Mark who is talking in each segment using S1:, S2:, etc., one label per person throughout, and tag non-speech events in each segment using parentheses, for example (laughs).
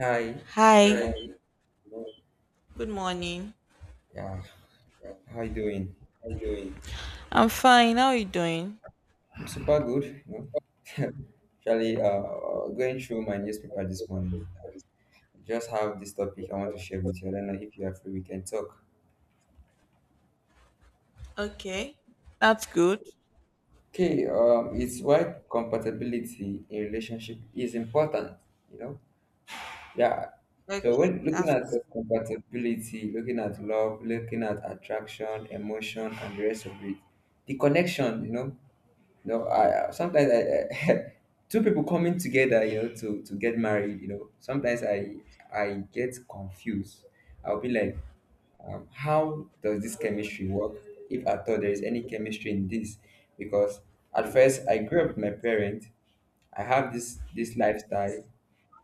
S1: Hi,
S2: Hi,
S1: good morning.
S2: hi. Good morning.
S1: Yeah, how you doing?
S2: How you doing? I'm fine. How are you doing?
S1: I'm super good. You know, (laughs) actually, going through my newspaper this morning. Just have this topic I want to share with you. I don't know if you are free. We can talk.
S2: Okay, that's good.
S1: Okay. It's why compatibility in relationship is important. You know. Yeah. So
S2: Okay,
S1: when looking
S2: that's
S1: at
S2: good.
S1: compatibility, looking at love, looking at attraction, emotion, and the rest of it, the connection. You know. No, sometimes I (laughs) two people coming together, you know, to get married, you know. Sometimes I get confused. I'll be like, how does this chemistry work? If at all there is any chemistry in this, because at first I grew up with my parents. I have this lifestyle.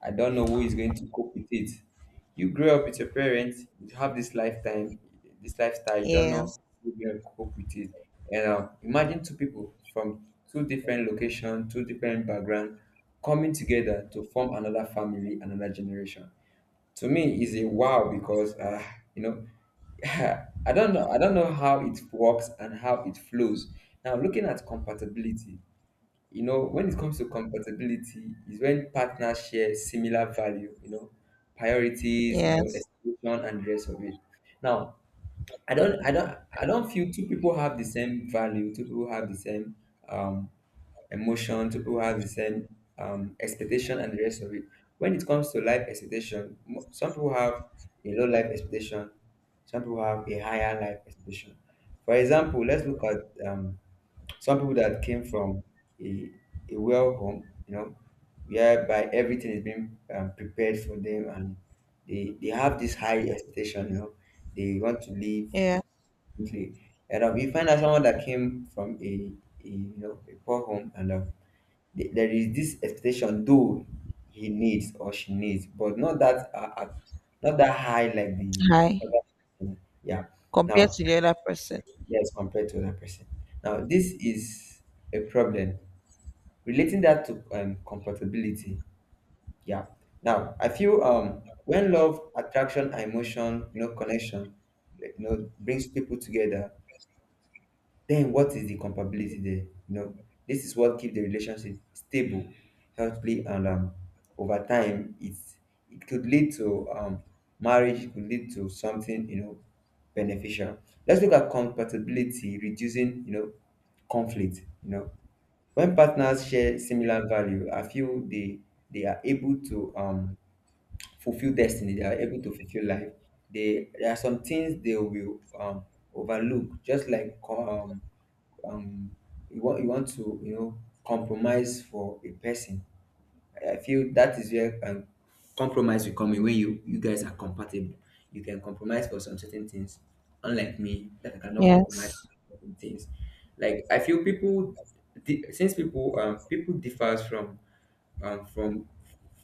S1: I don't know who is going to cope with it. You grew up with your parents, you have this lifetime, this lifestyle, you don't know
S2: Yes,
S1: who's going to cope with it. And imagine two people from two different locations, two different backgrounds coming together to form another family, another generation. To me, is a wow because you know (laughs) I don't know. I don't know how it works and how it flows. Now, looking at compatibility, you know, when it comes to compatibility, is when partners share similar value, you know, priorities, you know,
S2: yes.
S1: expectation and the rest of it. Now, I don't feel two people have the same value. Two people have the same um, emotion. Two people have the same expectation and the rest of it. When it comes to life expectation, some people have a low life expectation. Some people have a higher life expectation. For example, let's look at some people that came from a, a well home, you know, whereby everything is being prepared for them, and they have this high expectation, you know, they want to live
S2: Yeah.
S1: quickly. And we find out someone that came from a, you know, a poor home, and there is this expectation, though he needs or she needs, but not that not that high like the
S2: Hi.
S1: other person. Yeah.
S2: Compared
S1: Now,
S2: to the other person.
S1: yes, compared to that person. Now, this is a problem relating that to compatibility. Yeah. Now I feel when love, attraction, and emotion, you know, connection, you know, brings people together, then what is the compatibility there? You know, this is what keeps the relationship stable, healthy, and over time, it's it could lead to marriage. It could lead to something, you know, beneficial. Let's look at compatibility reducing, you know, conflict, you know, when partners share similar value. I feel they are able to fulfill destiny. They are able to fulfill life. They, there are some things they will overlook, just like um you want to compromise for a person. I feel that is where, compromise will come in when you guys are compatible. You can compromise for some certain things. Unlike me, that I cannot compromise
S2: Yes,
S1: things. Like I feel since people differs from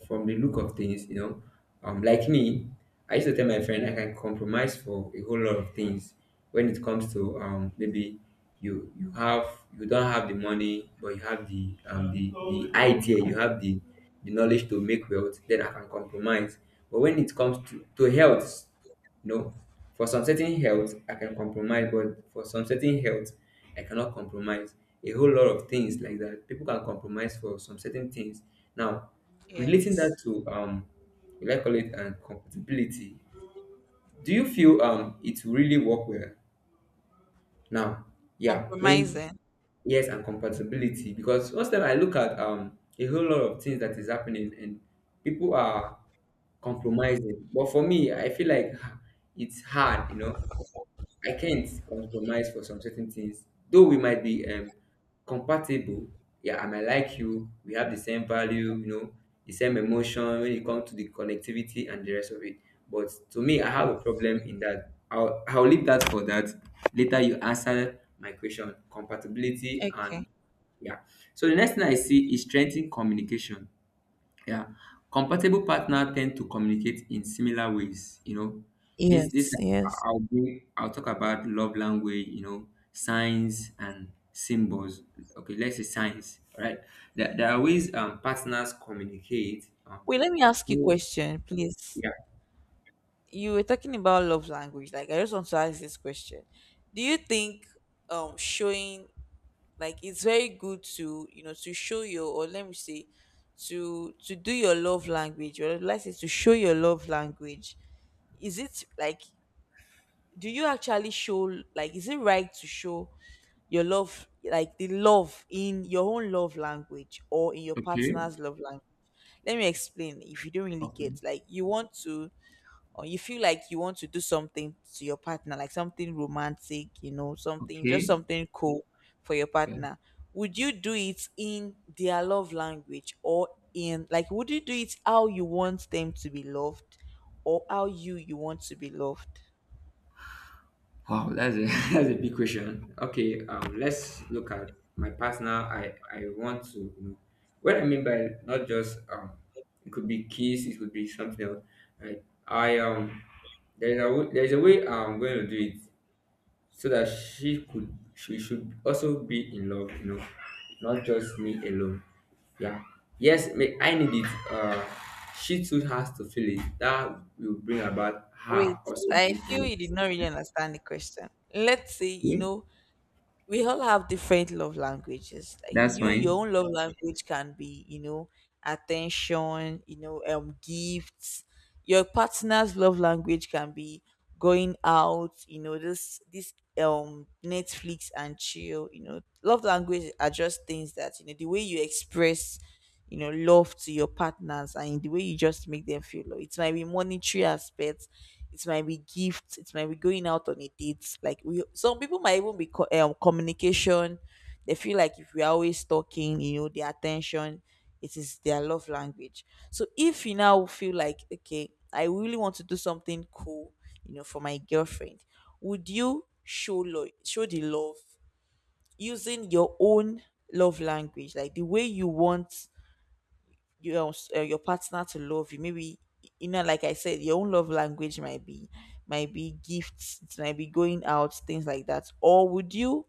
S1: the look of things, you know, like me, I used to tell my friend I can compromise for a whole lot of things when it comes to maybe you you have you don't have the money, but you have the, the idea, you have the knowledge to make wealth, then I can compromise. But when it comes to health, no, for some certain health, I can compromise, but for some certain health, I cannot compromise. A whole lot of things like that. People can compromise for some certain things. Now, relating
S2: yes.
S1: that to, we like call it, compatibility. Do you feel it will really work well? Now, yeah, when,
S2: Compromising.
S1: yes, and compatibility, because most time I look at a whole lot of things that is happening, and people are compromising. But for me, I feel like (sighs) it's hard, you know. I can't compromise for some certain things. Though we might be compatible, yeah, I might like you. We have the same value, you know, the same emotion when it comes to the connectivity and the rest of it. But to me, I have a problem in that. I'll leave that for that. Later, you answer my question: compatibility and
S2: Okay.
S1: yeah. So the next thing I see is strengthening communication. Yeah. Compatible partner tend to communicate in similar ways, you know. This
S2: Yes, yes.
S1: I- will bring I'll talk about love language, you know, signs and symbols. Okay, let's say signs, all right? There are ways partners communicate.
S2: Wait, let me ask you a
S1: Oh,
S2: question, please.
S1: yeah.
S2: You were talking about love language. Like, I just want to ask this question. Do you think showing, like, it's very good to, you know, to show your, or let me say, to do your love language, or let's say to show your love language, is it like, do you actually show, like, is it right to show your love, like the love, in your own love language or in your
S1: Okay.
S2: partner's love language? Let me explain if you don't really
S1: Okay.
S2: get, like, you want to, or you feel like you want to do something to your partner, like something romantic, you know, something just
S1: Okay.
S2: something cool for your
S1: Yeah.
S2: partner. Would you do it in their love language, or in, like, would you do it how you want them to be loved, or how you you want to be loved?
S1: Wow, that's a (laughs) that's a big question. Okay, let's look at my partner. I want to, you know, what I mean by not just, it could be kiss, it could be something else. Right? I there's a way I'm going to do it so that she should also be in love. You know, not just me alone. Yeah. Yes, may I need it. She too has to feel it. That will bring about
S2: Wait,
S1: her also
S2: I
S1: being in
S2: feel
S1: love.
S2: you did not really understand the question. Let's say, you
S1: Okay,
S2: know, we all have different love languages. Like
S1: that's
S2: you, your
S1: fine.
S2: own love language can be, you know, attention, you know, gifts. Your partner's love language can be going out, you know, this Netflix and chill, you know. Love language are just things that, you know, the way you express, you know, love to your partners, and in the way you just make them feel love. It might be monetary aspects, it might be gifts, it might be going out on a date. Like, we, some people might even be communication. They feel like if we're always talking, you know, their attention, it is their love language. So if you now feel like, okay, I really want to do something cool, you know, for my girlfriend, would you show show the love using your own love language, like the way you want your your partner to love you? Maybe, you know, like I said, your own love language might be, might be gifts, it might be going out, things like that. Or would you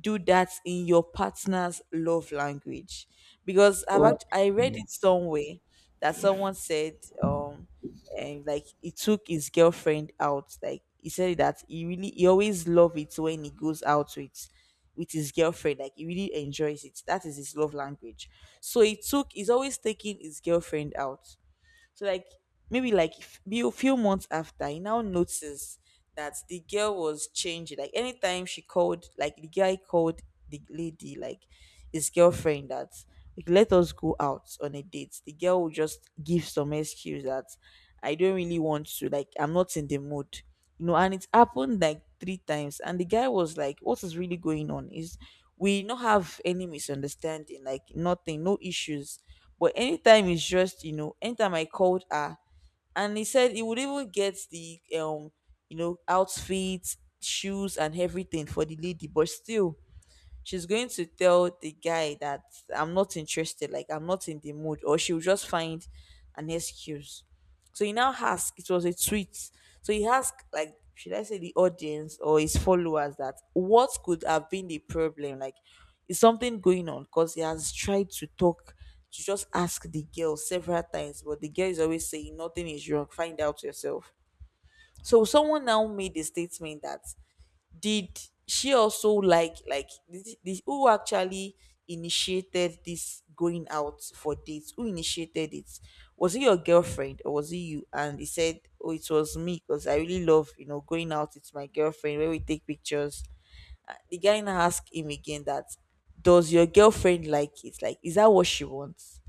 S2: do that in your partner's love language? Because I've
S1: O
S2: I read it somewhere that someone said, um and like, he took his girlfriend out. Like he said that he really, he always love it when he goes out with his girlfriend, like he really enjoys it, that is his love language. So he took, he's always taking his girlfriend out. So like, maybe, like, be a few months after, he now noticed that the girl was changing. Like, anytime she called, like the guy called the lady, like his girlfriend, that, like, let us go out on a date. The girl would just give some excuse that, I don't really want to. Like, I'm not in the mood, you know. And it happened like three times, and the guy was like, what is really going on? Is we not have any misunderstanding? Like, nothing, no issues. But anytime, it's just, you know, anytime I called her, and he said he would even get the you know, outfits, shoes, and everything for the lady, but still she's going to tell the guy that, I'm not interested, like I'm not in the mood, or she'll just find an excuse. So he now asked, it was a tweet. So he asked, like, should I say the audience, or his followers, that what could have been the problem? Like, is something going on? Because he has tried to talk, to just ask the girl several times, but the girl is always saying, nothing is wrong, find out yourself. So someone now made a statement that, did she also like this, who actually initiated this going out for dates, who initiated it, was it your girlfriend or was it you? And he said, oh, it was me, because I really love, you know, going out. It's my girlfriend, where we take pictures. The guy now asked him again, that does your girlfriend like it, like, is that what she wants?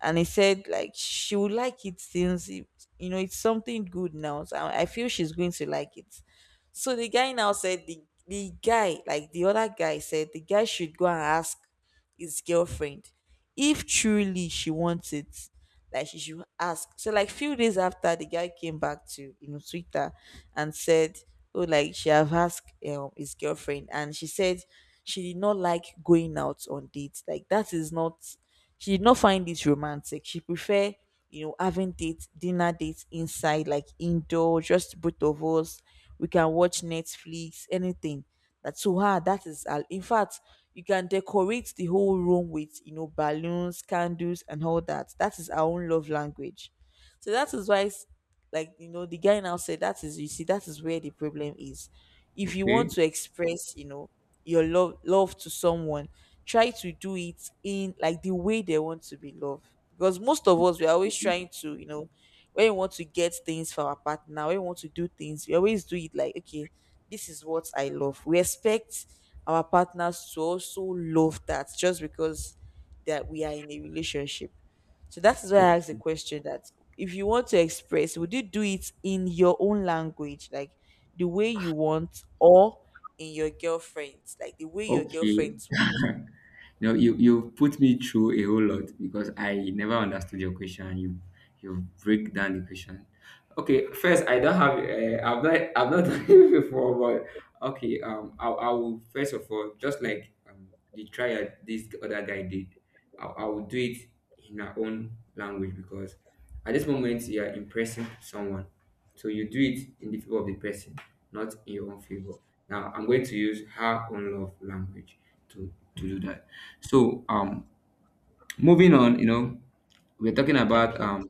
S2: And he said, like, she would like it, since it, you know, it's something good now, so I feel she's going to like it. So the guy now said the guy, like the other guy, said the guy should go and ask his girlfriend if truly she wants it, like she should ask. So like, few days after, the guy came back to, you know, Twitter and said, "Oh, like she have asked, his girlfriend, and she said she did not like going out on dates. Like, that is not, she did not find it romantic. She prefer, you know, having date, dinner dates inside, like indoor, just both of us. We can watch Netflix, anything. That to her, that is in fact, you can decorate the whole room with, you know, balloons, candles, and all that. That is our own love language." So that is why, like, you know, the guy now said that is, you see, that is where the problem is. If
S1: Ok,
S2: you want to express, you know, your love, love to someone, try to do it in, like, the way they want to be loved. Because most of us, we're always trying to, you know, when we want to get things for our partner, when we want to do things, we always do it like, okay, this is what I love. We expect our partners to also love that, just because that we are in a relationship. So that is why I
S1: ok,
S2: asked the question that, if you want to express, would you do it in your own language, like the way you want, or in your girlfriend's, like the way your
S1: ok.
S2: girlfriend's want?
S1: (laughs) You know, you put me through a whole lot because I never understood your question. You break down the question. Okay, first I don't have, I've not (laughs) done it before, but okay. I will first of all just like, the trial this other guy did. I will do it in our own language, because at this moment you are impressing someone, so you do it in the favor of the person, not in your own favor. Now I'm going to use her own love language to do that. So, moving on, you know, we're talking about,
S2: Okay.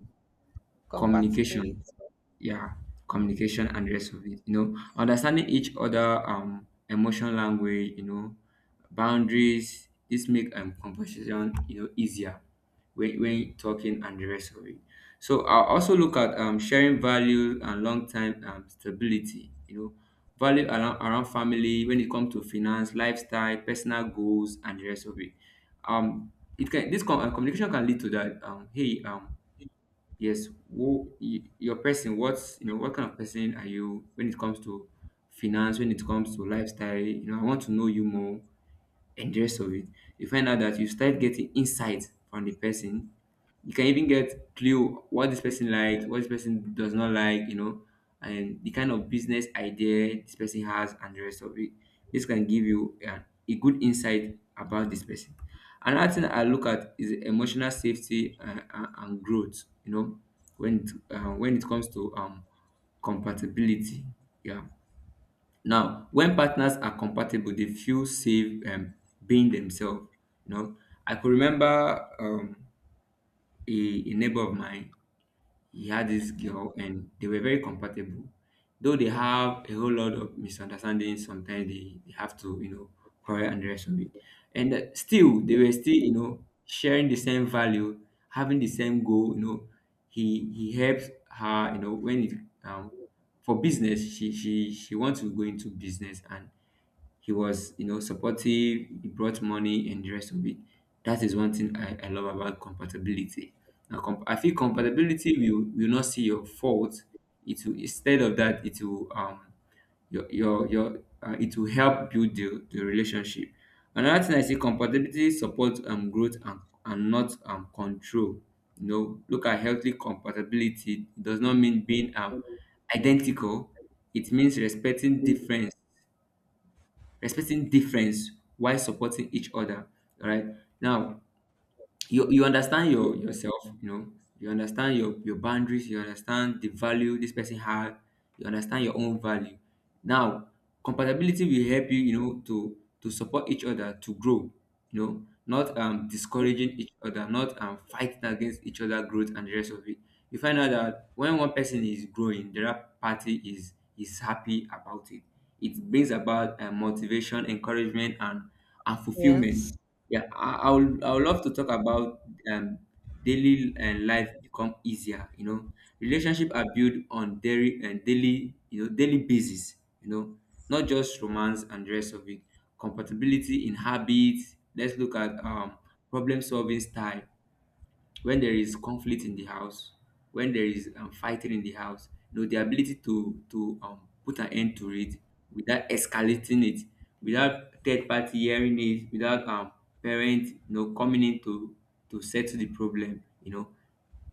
S2: Compatibility.
S1: communication. Yeah. Communication and the rest of it, you know, understanding each other, emotion language, you know, boundaries. This make conversation, you know, easier when talking and the rest of it. So I also look at sharing values and long-term, stability, you know, value around family, when it comes to finance, lifestyle, personal goals, and the rest of it. um it can, this communication can lead to that, hey, yes, who your person? What's, you know? What kind of person are you when it comes to finance? When it comes to lifestyle? You know, I want to know you more and the rest of it. You find out that you start getting insight from the person, you can even get clue what this person likes, what this person does not like, you know, and the kind of business idea this person has and the rest of it. This can give you, a good insight about this person. Another thing I look at is emotional safety, and growth. You know, when it comes to, compatibility, yeah. Now, when partners are compatible, they feel safe, being themselves. You know, I could remember, a neighbor of mine. He had this
S2: Okay.
S1: girl and they were very compatible, though they have a whole lot of misunderstandings. Sometimes they have to, you know, quarrel and the rest of it. And still they were still, you know, sharing the same value, having the same goal. You know, he helps her, you know, when it, um for business, she wants to go into business, and he was, you know, supportive. He brought money and the rest of it. That is one thing, I love about compatibility. Now, I feel compatibility will not see your fault. It will, instead of that, it will, your it will help build the relationship. Another thing I see, compatibility supports growth, and not, control. You know, look at healthy compatibility, it does not mean being identical. It means respecting difference, respecting difference while supporting each other. All right. Now, you understand your you know, you understand your boundaries, you understand the value this person has, you understand your own value. Now, compatibility will help you, you know, to support each other to grow. You know, not discouraging each other, not fighting against each other growth and the rest of it. You find out that when one person is growing, the other party is happy about it. It brings about, motivation, encouragement, and
S2: Yes.
S1: fulfillment. Yeah, I would love to talk about, um, daily and life become easier. You know, relationship are built on daily and daily, you know, daily basis. You know, not just romance and the rest of it. Compatibility in habits. Let's look at problem solving style when there is conflict in the house, when there is fighting in the house, you know, the ability to put an end to it without escalating it, without third party hearing it, without parent you know coming in to settle the problem, you know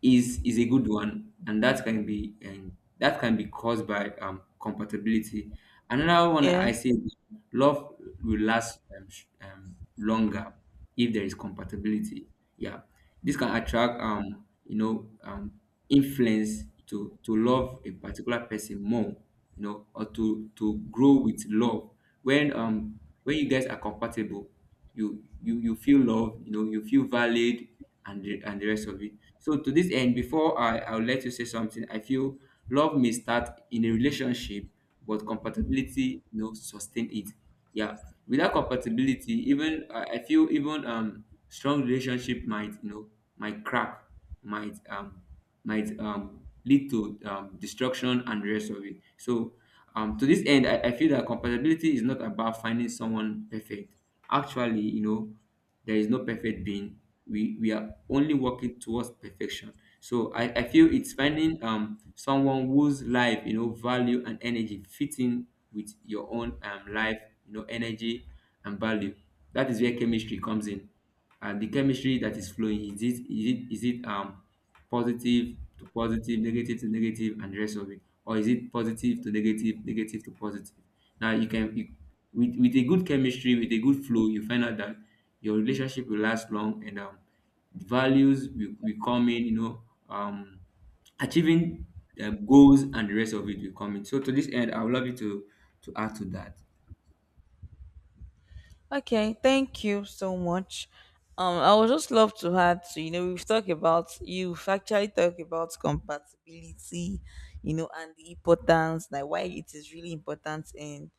S1: is a good one, and that can be caused by compatibility. Another one I
S2: Yes.
S1: say is love will last longer if there is compatibility. Yeah, this can attract influence to love a particular person more you know or to grow with love when you guys are compatible you feel love, you know you feel valued and the rest of it. So to this end, before I'll let you say something, I feel love may start in a relationship, but compatibility you know sustain it. Yeah. Without compatibility, even I feel even strong relationship might you know might crack, might um might lead to destruction and the rest of it. So to this end, I feel that compatibility is not about finding someone perfect. Actually, you know, there is no perfect being. We are only working towards perfection. So I feel it's finding someone whose life, you know, value and energy fit in with your own life, you know, energy and value. That is where chemistry comes in. And the chemistry that is flowing, is it positive to positive negative to negative and the rest of it, or is it positive to negative negative to positive? Now you can you, with a good chemistry, with a good flow, you find out that your relationship will last long, and values will come in, you know, um achieving goals and the rest of it will come in. So to this end, I would love you to add to that.
S2: Okay, thank you so much. I would just love to add to, you know, we've talked about, you've actually talked about compatibility, you know, and the importance, like why it is really important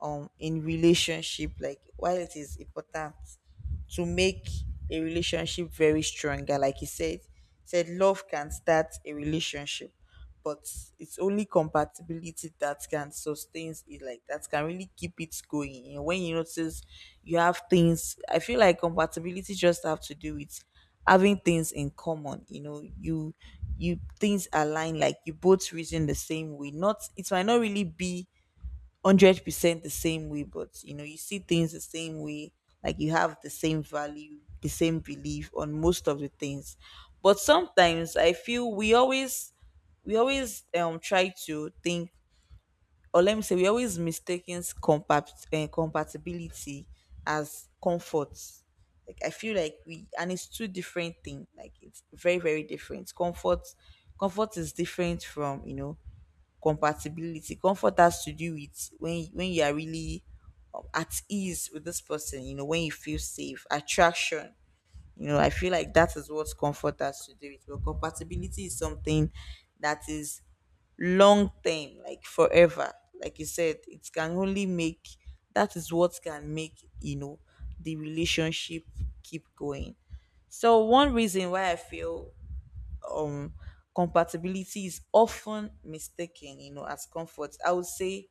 S2: in relationship, like why it is important to make a relationship very stronger. Like he said, said love can start a relationship, but it's only compatibility that can sustain it. Like that can really keep it going. And when you notice you have things, I feel like compatibility just have to do with having things in common. You know, you things align. Like, you both reason the same way. Not, it might not really be 100% the same way, but you know, you see things the same way, like you have the same value, the same belief on most of the things. But sometimes I feel we always try to think, or let me say, we always mistaken compatibility as comfort. Like, I feel like we, and it's two different things. Like, it's very, very different. Comfort, comfort is different from, you know, compatibility. Comfort has to do with when you are really at ease with this person, you know, when you feel safe, attraction. You know, I feel like that is what comfort has to do with. But compatibility is something that is long term, like forever. Like you said, it can only make, that is what can make, you know, the relationship keep going. So one reason why I feel um compatibility is often mistaken, you know, as comfort, I would say,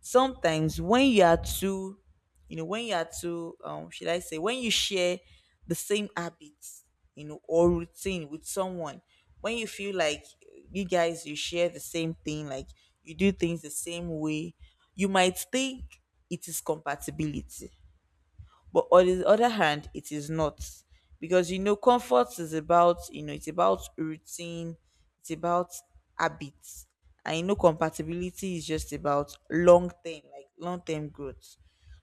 S2: sometimes when you are too, you know, when you are too, should I say, when you share the same habits, you know, or routine with someone, when you feel like you guys, you share the same thing, like you do things the same way, you might think it is compatibility, but on the other hand, it is not, because, you know, comfort is about, you know, it's about routine, it's about habits, and you know, compatibility is just about long term, like long term growth.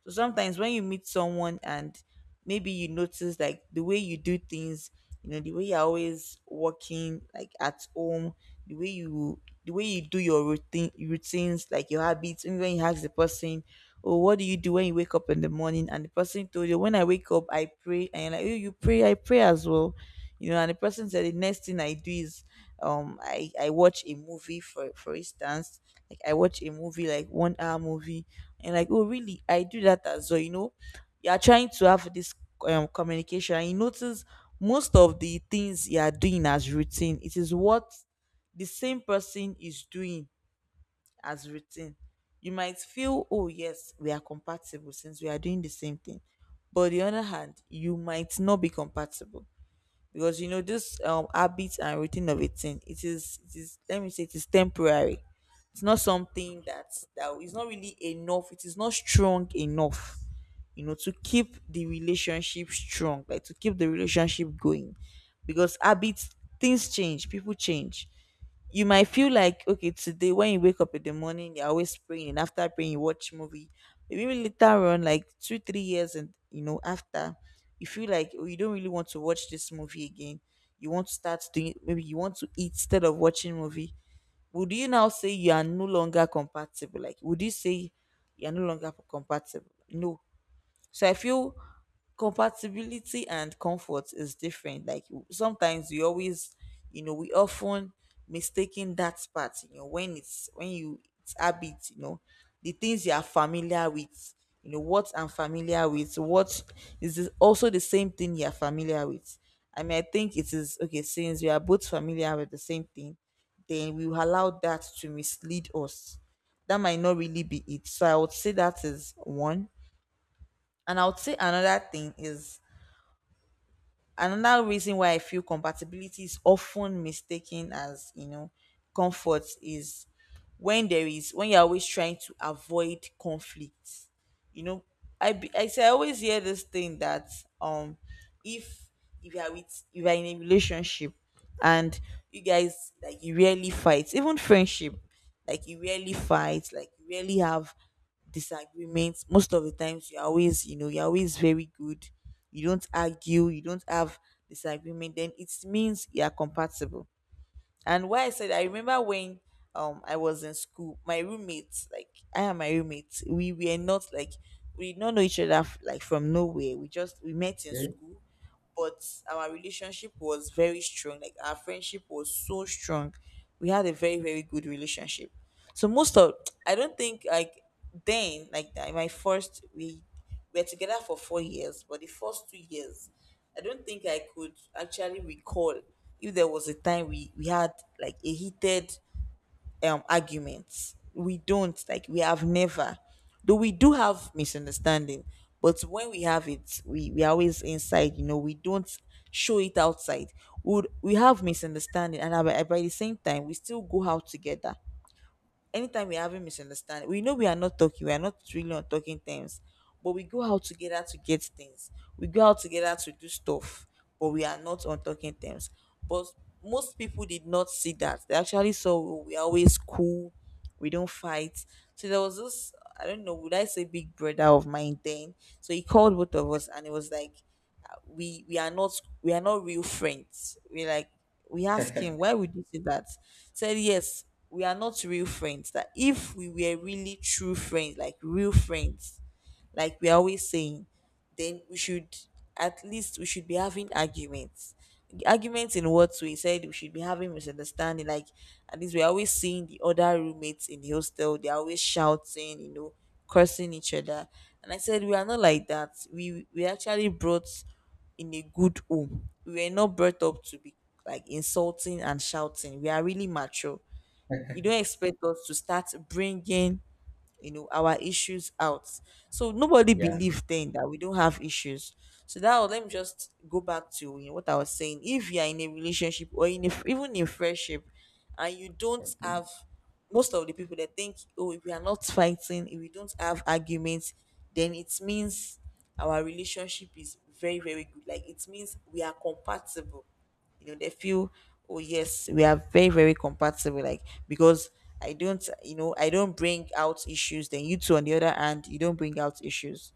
S2: So sometimes when you meet someone and maybe you notice, like, the way you do things, you know, the way you're always working like at home, the way you, the way you do your routine routines, like your habits, even when you ask the person, oh, what do you do when you wake up in the morning? And the person told you, "When I wake up, I pray," and you're like, "Oh, you pray, I pray as well, you know." And the person said, "The next thing I do is I watch a movie, for instance, like I watch a movie, like 1 hour movie." And like, "Oh, really, I do that as well, you know." You are trying to have this communication, and you notice most of the things you are doing as routine, it is what the same person is doing as routine. You might feel, "Oh yes, we are compatible since we are doing the same thing." But on the other hand, you might not be compatible, because, you know, this habit and routine of a thing, it is, let me say, it is temporary. It's not something that— is not really enough, it is not strong enough, you know, to keep the relationship strong, like to keep the relationship going. Because habits, things change, people change. You might feel like, okay, today when you wake up in the morning, you're always praying, and after praying, you watch movie. Maybe later on, like two, 3 years, and, you know, after, you feel like, oh, you don't really want to watch this movie again. You want to start doing— maybe you want to eat instead of watching movie. Would you now say you are no longer compatible? Like, would you say you are no longer compatible? No. So I feel compatibility and comfort is different. Like, sometimes you always, you know, we often mistaking that part, you know, when it's— when you— it's habit, you know, the things you are familiar with. You know, what I'm familiar with, what is this— also the same thing you are familiar with. I mean, I think it is okay since we are both familiar with the same thing, then we will allow that to mislead us. That might not really be it. So I would say that is one, and I would say another thing is, another reason why I feel compatibility is often mistaken as, you know, comfort is when there is— when you're always trying to avoid conflict. You know, I say I always hear this thing that, um if— if you're with— if you're in a relationship, and you guys, like, you rarely fight, even friendship, like you rarely fight, like you rarely have disagreements. Most of the times you're always, you know, you're always very good. You don't argue, you don't have disagreement, then it means you're compatible. And why I said— I remember when I was in school, my roommates, like I and my roommates, we were not like— we did not know each other f- like from nowhere. We just— we met in
S1: Okay.
S2: school, but our relationship was very strong. Like our friendship was so strong. We had a very, very good relationship. So most of— I don't think like— then like that, my first— we were together for 4 years, but the first 2 years, I don't think I could actually recall if there was a time we had like a heated argument. We don't— like we have never— though we do have misunderstanding, but when we have it, we are always inside. You know, we don't show it outside. We— would we have misunderstanding, and by, the same time, we still go out together. Anytime we're having misunderstanding, we know we are not talking, we are not really on talking terms, but we go out together to get things. We go out together to do stuff, but we are not on talking terms. But most people did not see that. They actually saw, "Oh, we are always cool, we don't fight." So there was this— I don't know, would I say big brother of mine then? So he called both of us, and it was like, we— are not— we are not real friends. We— like, we ask him, "Why would you say that?" Said, "Yes, we are not real friends. That if we were really true friends, like real friends, like we're always saying, then we should— at least we should be having arguments." Arguments in what way? He said we should be having misunderstanding. Like, at least, we're always seeing the other roommates in the hostel. They're always shouting, you know, cursing each other. And I said we are not like that. We actually brought— in a good home, we were not brought up to be like insulting and shouting. We are really mature. You don't expect us to start bringing, you know, our issues out. So nobody
S1: (laughs) Yeah.
S2: believed then that we don't have issues. So that was— let me just go back to, you know, what I was saying. If you are in a relationship or in a— even in friendship, and you don't
S1: Okay.
S2: have— most of the people that think, oh, if we are not fighting, if we don't have arguments, then it means our relationship is very, very good, like it means we are compatible. You know, they feel, oh yes, we are very, very compatible, like, because I don't, you know, I don't bring out issues, then you two on the other hand, you don't bring out issues.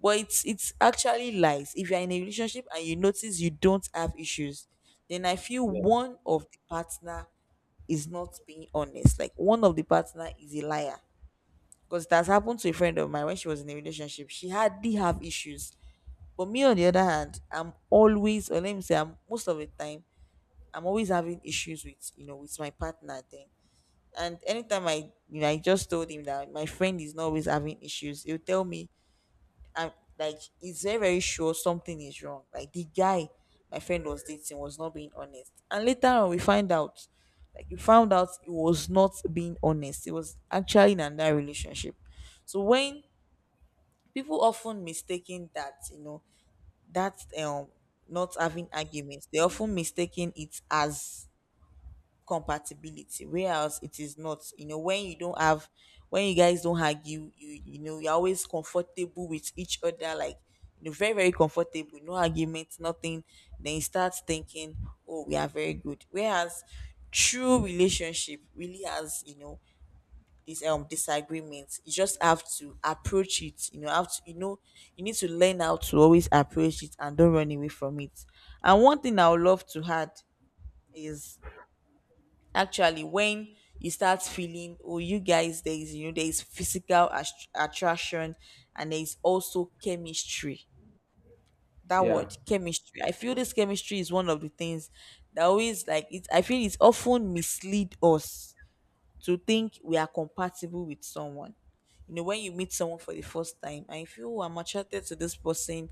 S2: But it's actually lies. If you're in a relationship and you notice you don't have issues, then I feel one of the partner is not being honest, like one of the partner is a liar. Because it has happened to a friend of mine. When she was in a relationship, she hardly have issues, but me on the other hand, I'm always— or let me say, I'm most of the time— I'm always having issues with, you know, with my partner then. And anytime I, you know, I just told him that my friend is not always having issues, he'll tell me— I'm— like, he's very, very sure something is wrong. Like the guy my friend was dating was not being honest. And later on, we find out— like we found out he was not being honest. It was actually in another relationship. So when people often mistaking that, you know, that not having arguments, they often mistaking it as compatibility, whereas it is not. You know, when you don't have— when you guys don't argue, you— you know, you're always comfortable with each other, like, you know, very, very comfortable, no arguments, nothing, then you start thinking, oh, we are very good, whereas true relationship really has, you know, this disagreements. You just have to approach it, you know, have to, you know, you need to learn how to always approach it and don't run away from it. And one thing I would love to add is, actually, when you start feeling, oh, you guys, there is, you know, there is physical ast- attraction, and there is also chemistry. That
S1: Yeah.
S2: word, chemistry. I feel this chemistry is one of the things that always like it. I feel it's often mislead us to think we are compatible with someone. You know, when you meet someone for the first time and you feel, oh, I'm attracted to this person,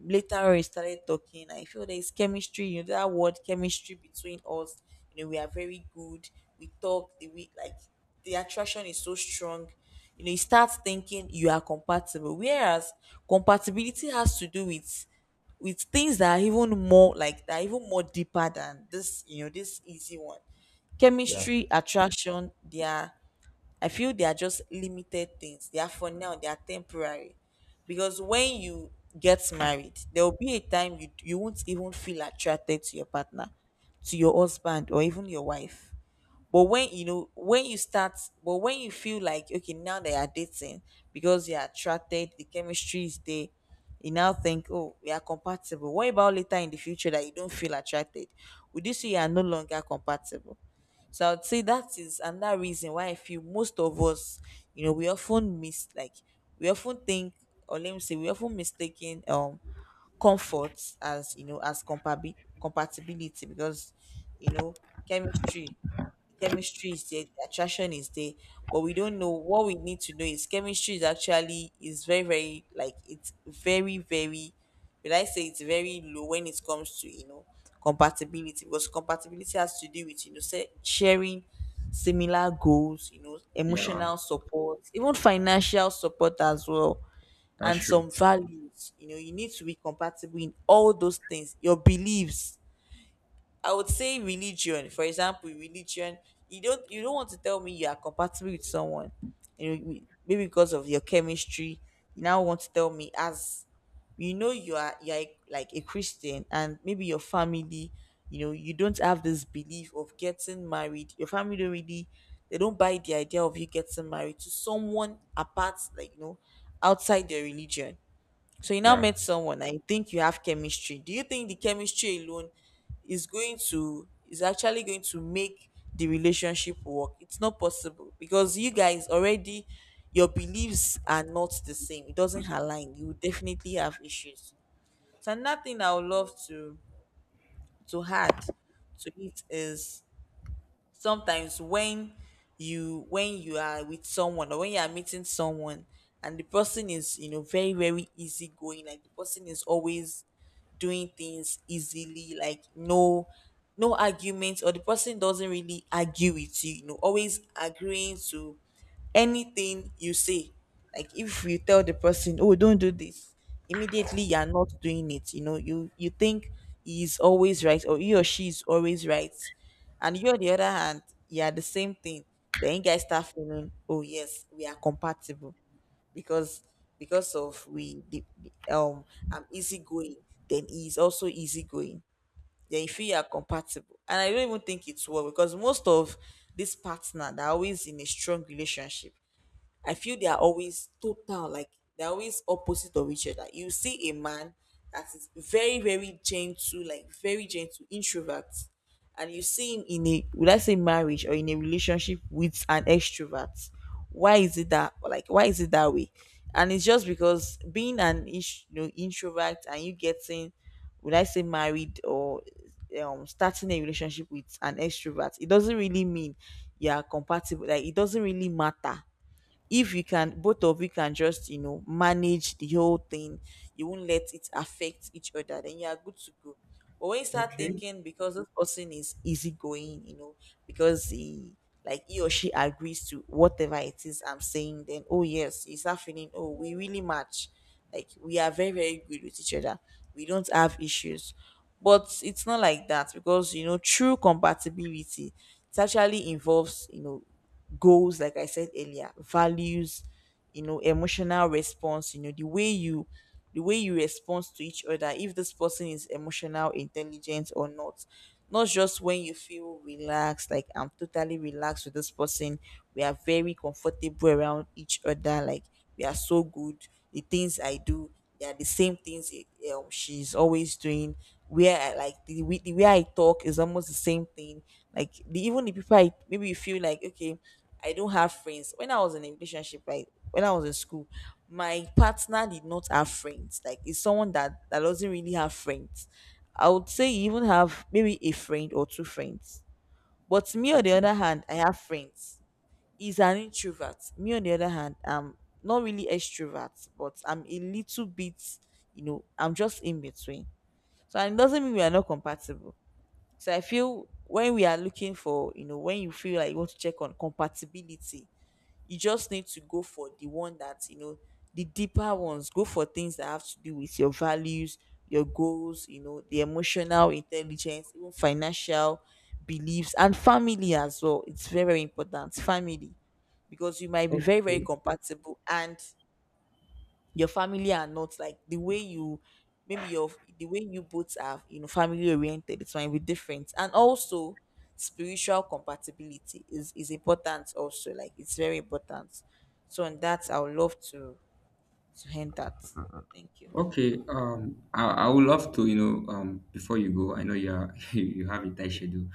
S2: later on we started talking, I feel there's chemistry, you know, that word chemistry between us, you know, we are very good, we talk— the we like, the attraction is so strong, you know, you start thinking you are compatible, whereas compatibility has to do with— with things that are even more, like, that are even more deeper than this, you know, this easy one. Chemistry, attraction, they are— I feel they are just limited things. They are for now, they are temporary. Because when you get married, there will be a time you— won't even feel attracted to your partner, to your husband, or even your wife. But when you know when you start— but when you feel like, okay, now they are dating because you're attracted, the chemistry is there, you now think, oh, we are compatible. What about later in the future that you don't feel attracted? Would you say you are no longer compatible? So I would say that is another reason why I feel most of us, you know, we often miss, like, we often think, or let me say, we often mistaken comfort as, you know, as compabi- compatibility, because, you know, chemistry chemistry is there, the attraction is there, but we don't know— what we need to know is chemistry is actually is very, very, like, it's very, very— when I say it's very low when it comes to, you know, compatibility. Because compatibility has to do with, you know, sa- sharing similar goals, you know,
S1: Yeah,
S2: emotional support, even financial support as well,
S1: that's
S2: and
S1: true.
S2: some values. You know, you need to be compatible in all those things, your beliefs. I would say religion. For example, religion. You don't— you don't want to tell me you are compatible with someone, you know, maybe because of your chemistry. You now want to tell me as, you know, you are— you are a- like a Christian, and maybe your family, you know, you don't have this belief of getting married, your family don't really— they don't buy the idea of you getting married to someone apart, like, you know, outside their religion. So you now
S1: Yeah.
S2: met someone and you think you have chemistry. Do you think the chemistry alone is actually going to make the relationship work? It's not possible because you guys already, your beliefs are not the same. It doesn't align. You will definitely have issues. So another thing I would love to add to it is sometimes when you are with someone, or when you are meeting someone, and the person is, you know, very easygoing, like the person is always doing things easily, like no arguments, or the person doesn't really argue with you, you know, always agreeing to anything you say. Like if you tell the person, oh, don't do this, immediately you're not doing it, you know, you think he's always right, or he or she is always right, and you, on the other hand, you are the same thing. Then you guys start feeling, oh yes, we are compatible because because of we the- I'm easygoing, then he's also easygoing. Then if you are compatible, and I don't even think it's work, because most of this partner, they're always in a strong relationship. I feel they are always total, like they're always opposite of each other. You see a man that is very, very gentle, like very gentle, introvert, and you see him in a, would I say, marriage, or in a relationship with an extrovert. Why is it that, like why is it that way? And it's just because being an you know, introvert, and you getting, would I say, married, or starting a relationship with an extrovert, it doesn't really mean you are compatible. Like it doesn't really matter if you can, both of you can just, you know, manage the whole thing, you won't let it affect each other, then you are good to go. But when you start
S1: Okay.
S2: thinking, because this person is easygoing, you know, because he, like he or she agrees to whatever it is I'm saying, then, oh yes, you start feeling, oh, we really match, like we are very, very good with each other, we don't have issues. But it's not like that, because you know, true compatibility, it actually involves, you know, goals, like I said earlier, values, you know, emotional response, you know, the way you respond to each other, if this person is emotional intelligent or not. Not just when you feel relaxed, like I'm totally relaxed with this person, we are very comfortable around each other, like we are so good, the things I do, they are the same things she's always doing. Where I, like the way, I talk is almost the same thing. Like even the people I, maybe you feel like, okay, I don't have friends. When I was in a relationship, like when I was in school, my partner did not have friends. Like it's someone that doesn't really have friends. I would say you even have maybe a friend or two friends. But me, on the
S1: Okay.
S2: other hand, I have friends, is an introvert. Me, on the other hand, I'm not really extrovert, but I'm a little bit, you know, I'm just in between. So, and it doesn't mean we are not compatible. So I feel when we are looking for, you know, when you feel like you want to check on compatibility, you just need to go for the one that you know, the deeper ones. Go for things that have to do with your values, your goals, you know, the emotional intelligence, even financial beliefs, and family as well. It's very, very important, family, because you might be very, very
S1: Okay.
S2: compatible, and your family are not, like the way you, maybe your, the way you both are, you know, family oriented, it might be different. And also spiritual compatibility is important also, like it's very important. So on that, I would love to end that. Thank you.
S1: Okay, I would love to, you know, before you go, I know you are (laughs) you have a tight schedule.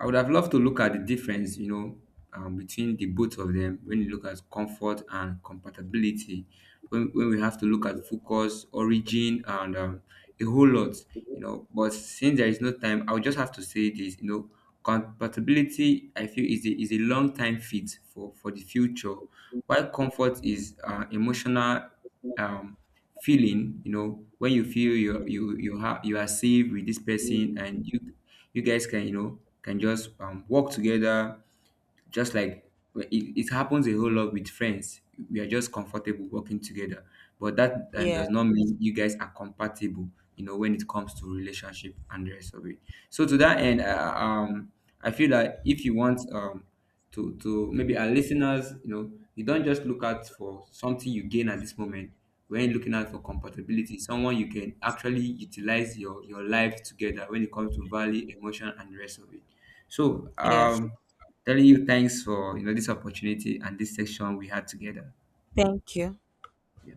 S1: I would have loved to look at the difference, you know, between the both of them when you look at comfort and compatibility. When we have to look at focus, origin, and a whole lot, you know. But since there is no time, I would just have to say this, you know, compatibility. I feel is a long time fit for the future, while comfort is emotional um, feeling. You know, when you feel you are safe with this person, and you guys can you know can just work together, just like well, it happens a whole lot with friends. We are just comfortable working together, but that
S2: Yeah,
S1: does not mean you guys are compatible, you know, when it comes to relationship and the rest of it. So to that end I feel that if you want to maybe our listeners, you know, you don't just look out for something you gain at this moment. When are looking out for compatibility, someone you can actually utilize your life together when it comes to value, emotion, and the rest of it. So
S2: yes,
S1: telling you thanks for you know this opportunity and this section we had together.
S2: thank you.
S1: Yeah.